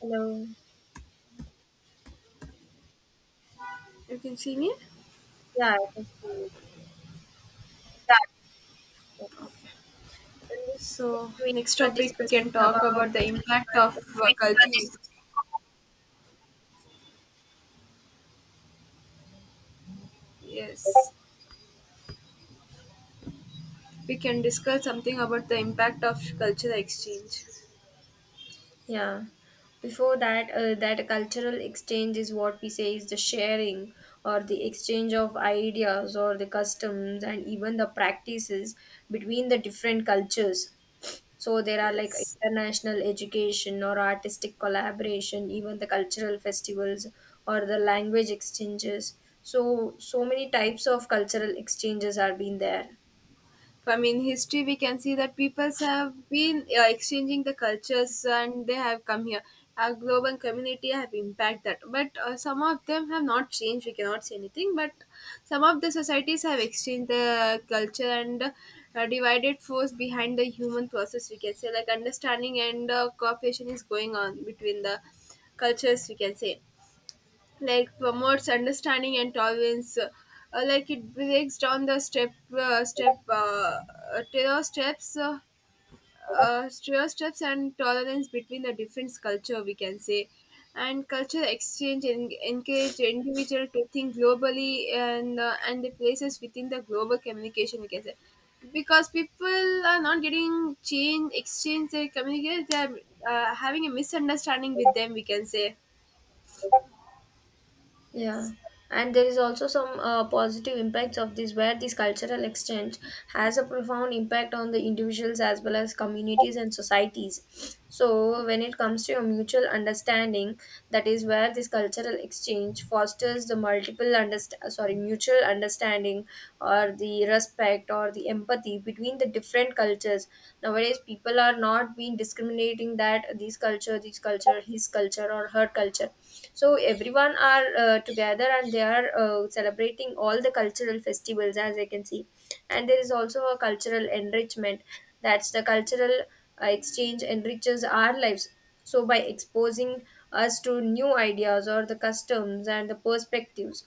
Hello. You can see me? Yeah, I can see you. So, Okay. in this So, session, next we are topic, we discussing can talk about about the the impact of impact of. Culture. Yes. We can discuss something about the impact of cultural exchange. Yeah. Before that, that cultural exchange is what we say is the sharing or the exchange of ideas or the customs and even the practices between the different cultures. So there are like Yes. international education or artistic collaboration, even the cultural festivals or the language exchanges. So so many types of cultural exchanges are being there. From in history we can see that peoples have been exchanging the cultures and they have come here, our global community have impact that, but some of them have not changed, we cannot say anything, but some of the societies have exchanged the culture and divided force behind the human process, we can say, like understanding and cooperation is going on between the cultures, we can say, like promotes understanding and tolerance. Like it breaks down the step step uh, terror steps uh, terror steps and tolerance between the different culture, we can say. And culture exchange encourage individual to think globally and the places within the global communication, we can say, because people are not getting change exchange, they communicate, they are having a misunderstanding with them, we can say. Yeah, Yes. and there is also some positive impacts of this, where this cultural exchange has a profound impact on the individuals as well as communities and societies. So, when it comes to a mutual understanding, that is where this cultural exchange fosters the multiple underst- sorry mutual understanding or the respect or the empathy between the different cultures. Nowadays people are not being discriminating that this culture, this culture, his culture or her culture, so everyone are together and they are celebrating all the cultural festivals, as I can see. And there is also a cultural enrichment. That's the cultural exchange enriches our lives. So, by exposing us to new ideas or the customs and the perspectives,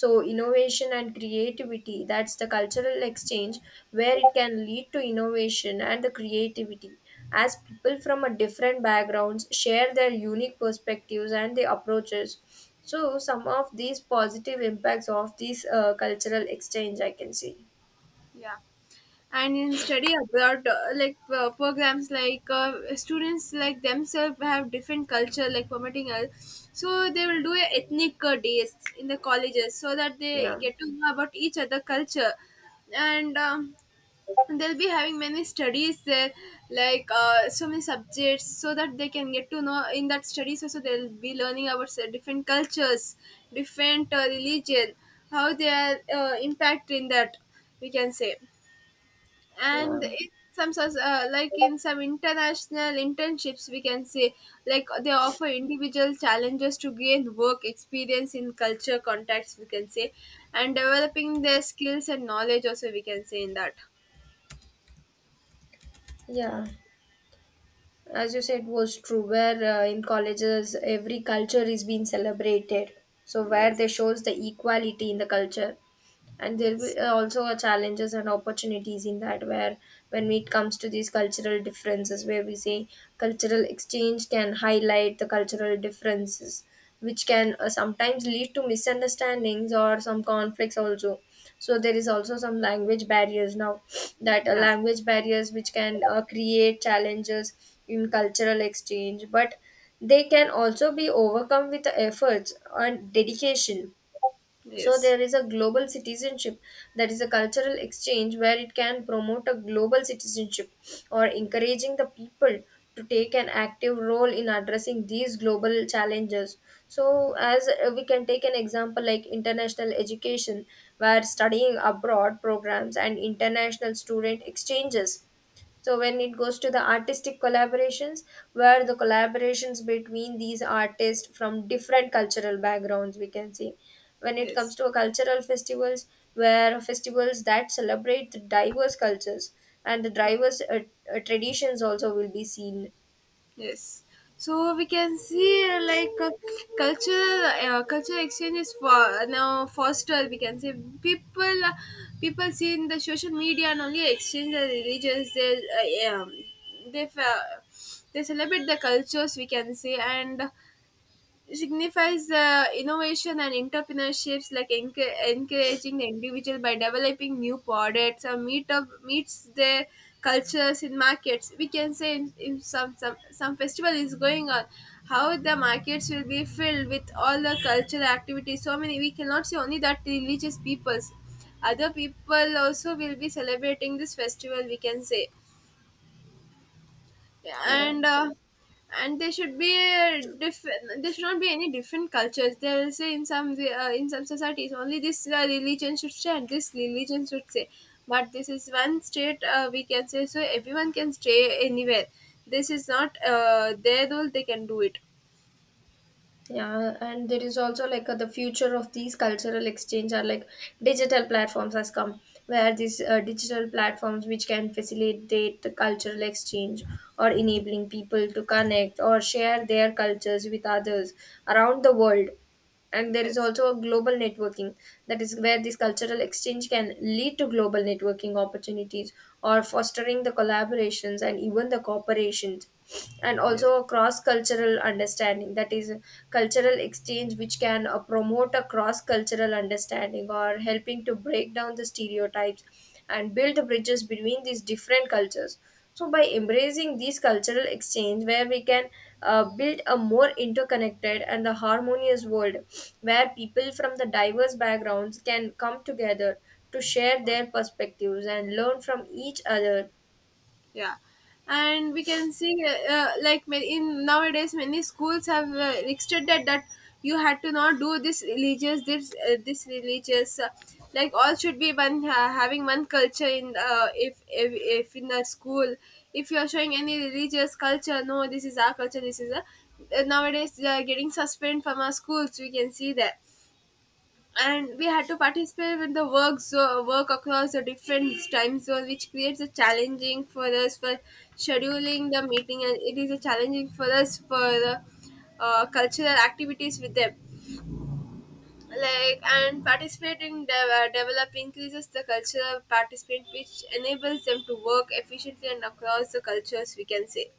so innovation and creativity, that's the cultural exchange where it can lead to innovation and the creativity as people from a different backgrounds share their unique perspectives and the approaches. So, some of these positive impacts of this cultural exchange, I can see. Yeah. And in study abroad like programs, like students like themselves have different culture, like permitting us, so they will do a ethnic days in the colleges so that they Yeah, get to know about each other culture. And they'll be having many studies there, like so many subjects so that they can get to know, in that studies also they'll be learning about different cultures, different religion, how they are impact in that, we can say. yeah, And in some sorts, like in some international internships, we can say, like they offer individual challenges to gain work experience in culture contacts, we can say, and developing their skills and knowledge also, we can say, in that. yeah, as you said was true where in colleges every culture is being celebrated, so where they Yes. shows the equality in the culture. And there will Yes. Also are challenges and opportunities in that, where when it comes to these cultural differences, where we say cultural exchange can highlight the cultural differences, which can sometimes lead to misunderstandings or some conflicts also. So there is also some language barriers now, that Yeah. language barriers which can create challenges in cultural exchange, but they can also be overcome with efforts and dedication. So Yes. there is a global citizenship, that is a cultural exchange where it can promote a global citizenship or encouraging the people to take an active role in addressing these global challenges. So as we can take an example like international education where studying abroad programs and international student exchanges. So when it goes to the artistic collaborations, where the collaborations between these artists from different cultural backgrounds, we can see. When it comes Yes. to a cultural festivals, where festivals that celebrate the diverse cultures and the diverse traditions also will be seen. Yes. So we can see, like cultural exchange is for now foster, we can say. people uh, People see in the social media and only exchange the religions, they uh, they celebrate the cultures, we can say, and signifies innovation and entrepreneurships, like encouraging the individual by developing new products or meets their cultures in markets, we can say. In some festival is going on, how the markets will be filled with all the cultural activities, so many. We cannot say only that religious peoples, other people also will be celebrating this festival, we can say. yeah, Yeah. and uh, and there should be a different. There should not be any different cultures. They will say in some in some societies only this religion should say and this religion should say, but this is one state, we can say, so everyone can stay anywhere. This is not their rule. They can do it. Yeah, and there is also like the future of these cultural exchange are like digital platforms has come, where these digital platforms which can facilitate the cultural exchange or enabling people to connect or share their cultures with others around the world. And there is Yes. also a global networking, that is where this cultural exchange can lead to global networking opportunities or fostering the collaborations and even the cooperations, and Yes. also a cross cultural understanding, that is cultural exchange which can promote a cross cultural understanding or helping to break down the stereotypes and build bridges between these different cultures. So by embracing these cultural exchange, where we can build a more interconnected and the harmonious world where people from the diverse backgrounds can come together to share their perspectives and learn from each other. Yeah. And we can see, like in nowadays many schools have restricted that you had to not do this religious, this religious like all should be one, having one culture in if in the school, if you are showing any religious culture, no this is our culture, this is a, nowadays they are getting suspended from our schools, we can see that. And we had to participate with the work across the different time zones, which creates a challenging for us, for scheduling the meeting, and it is a challenging for us for the cultural activities with them. Like and participating develop increases the cultural participant, which enables them to work efficiently and across the cultures, we can say.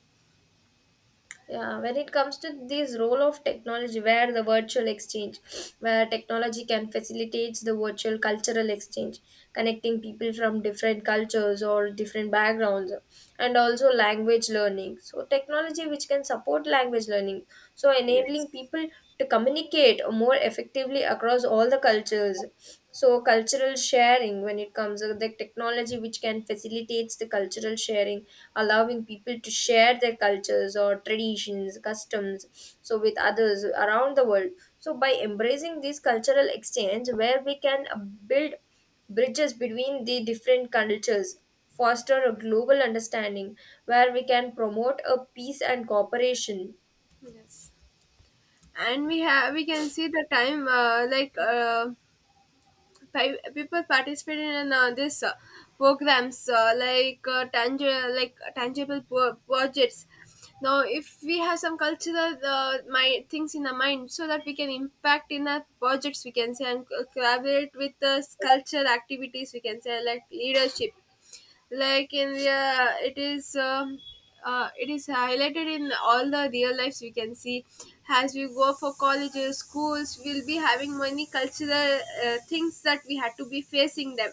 Yeah, when it comes to this role of technology, where the virtual exchange, where technology can facilitate the virtual cultural exchange, connecting people from different cultures or different backgrounds, and also language learning. So, technology which can support language learning, so enabling Yes. people to communicate more effectively across all the cultures. So cultural sharing, when it comes to the technology which can facilitates the cultural sharing, allowing people to share their cultures or traditions, customs, so with others around the world. So by embracing this cultural exchange, where we can build bridges between the different cultures, foster a global understanding where we can promote a peace and cooperation. Yes. And we have, we can see the time, like. People participate in this programs, like tangible, like projects now, if we have some cultural my things in the mind so that we can impact in the projects, we can say, and collaborate with the culture activities, we can say, like leadership. Like in the it is highlighted in all the real lives, we can see. As we go for colleges, schools, we'll be having many cultural things that we had to be facing them,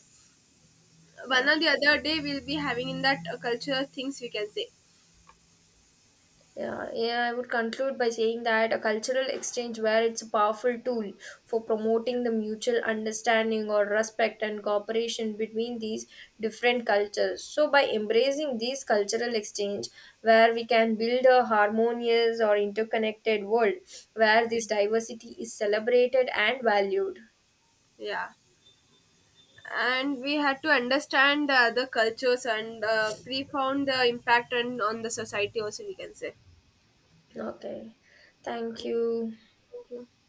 one Yeah. or the other day. We'll be having in that cultural things, we can say. Yeah, yeah, I would conclude by saying that a cultural exchange, where it's a powerful tool for promoting the mutual understanding or respect and cooperation between these different cultures. So by embracing these cultural exchange, where we can build a harmonious or interconnected world where this diversity is celebrated and valued. Yeah. And we had to understand the cultures and pre-found the impact and on the society also, we can say. Okay. Thank Thank you. you.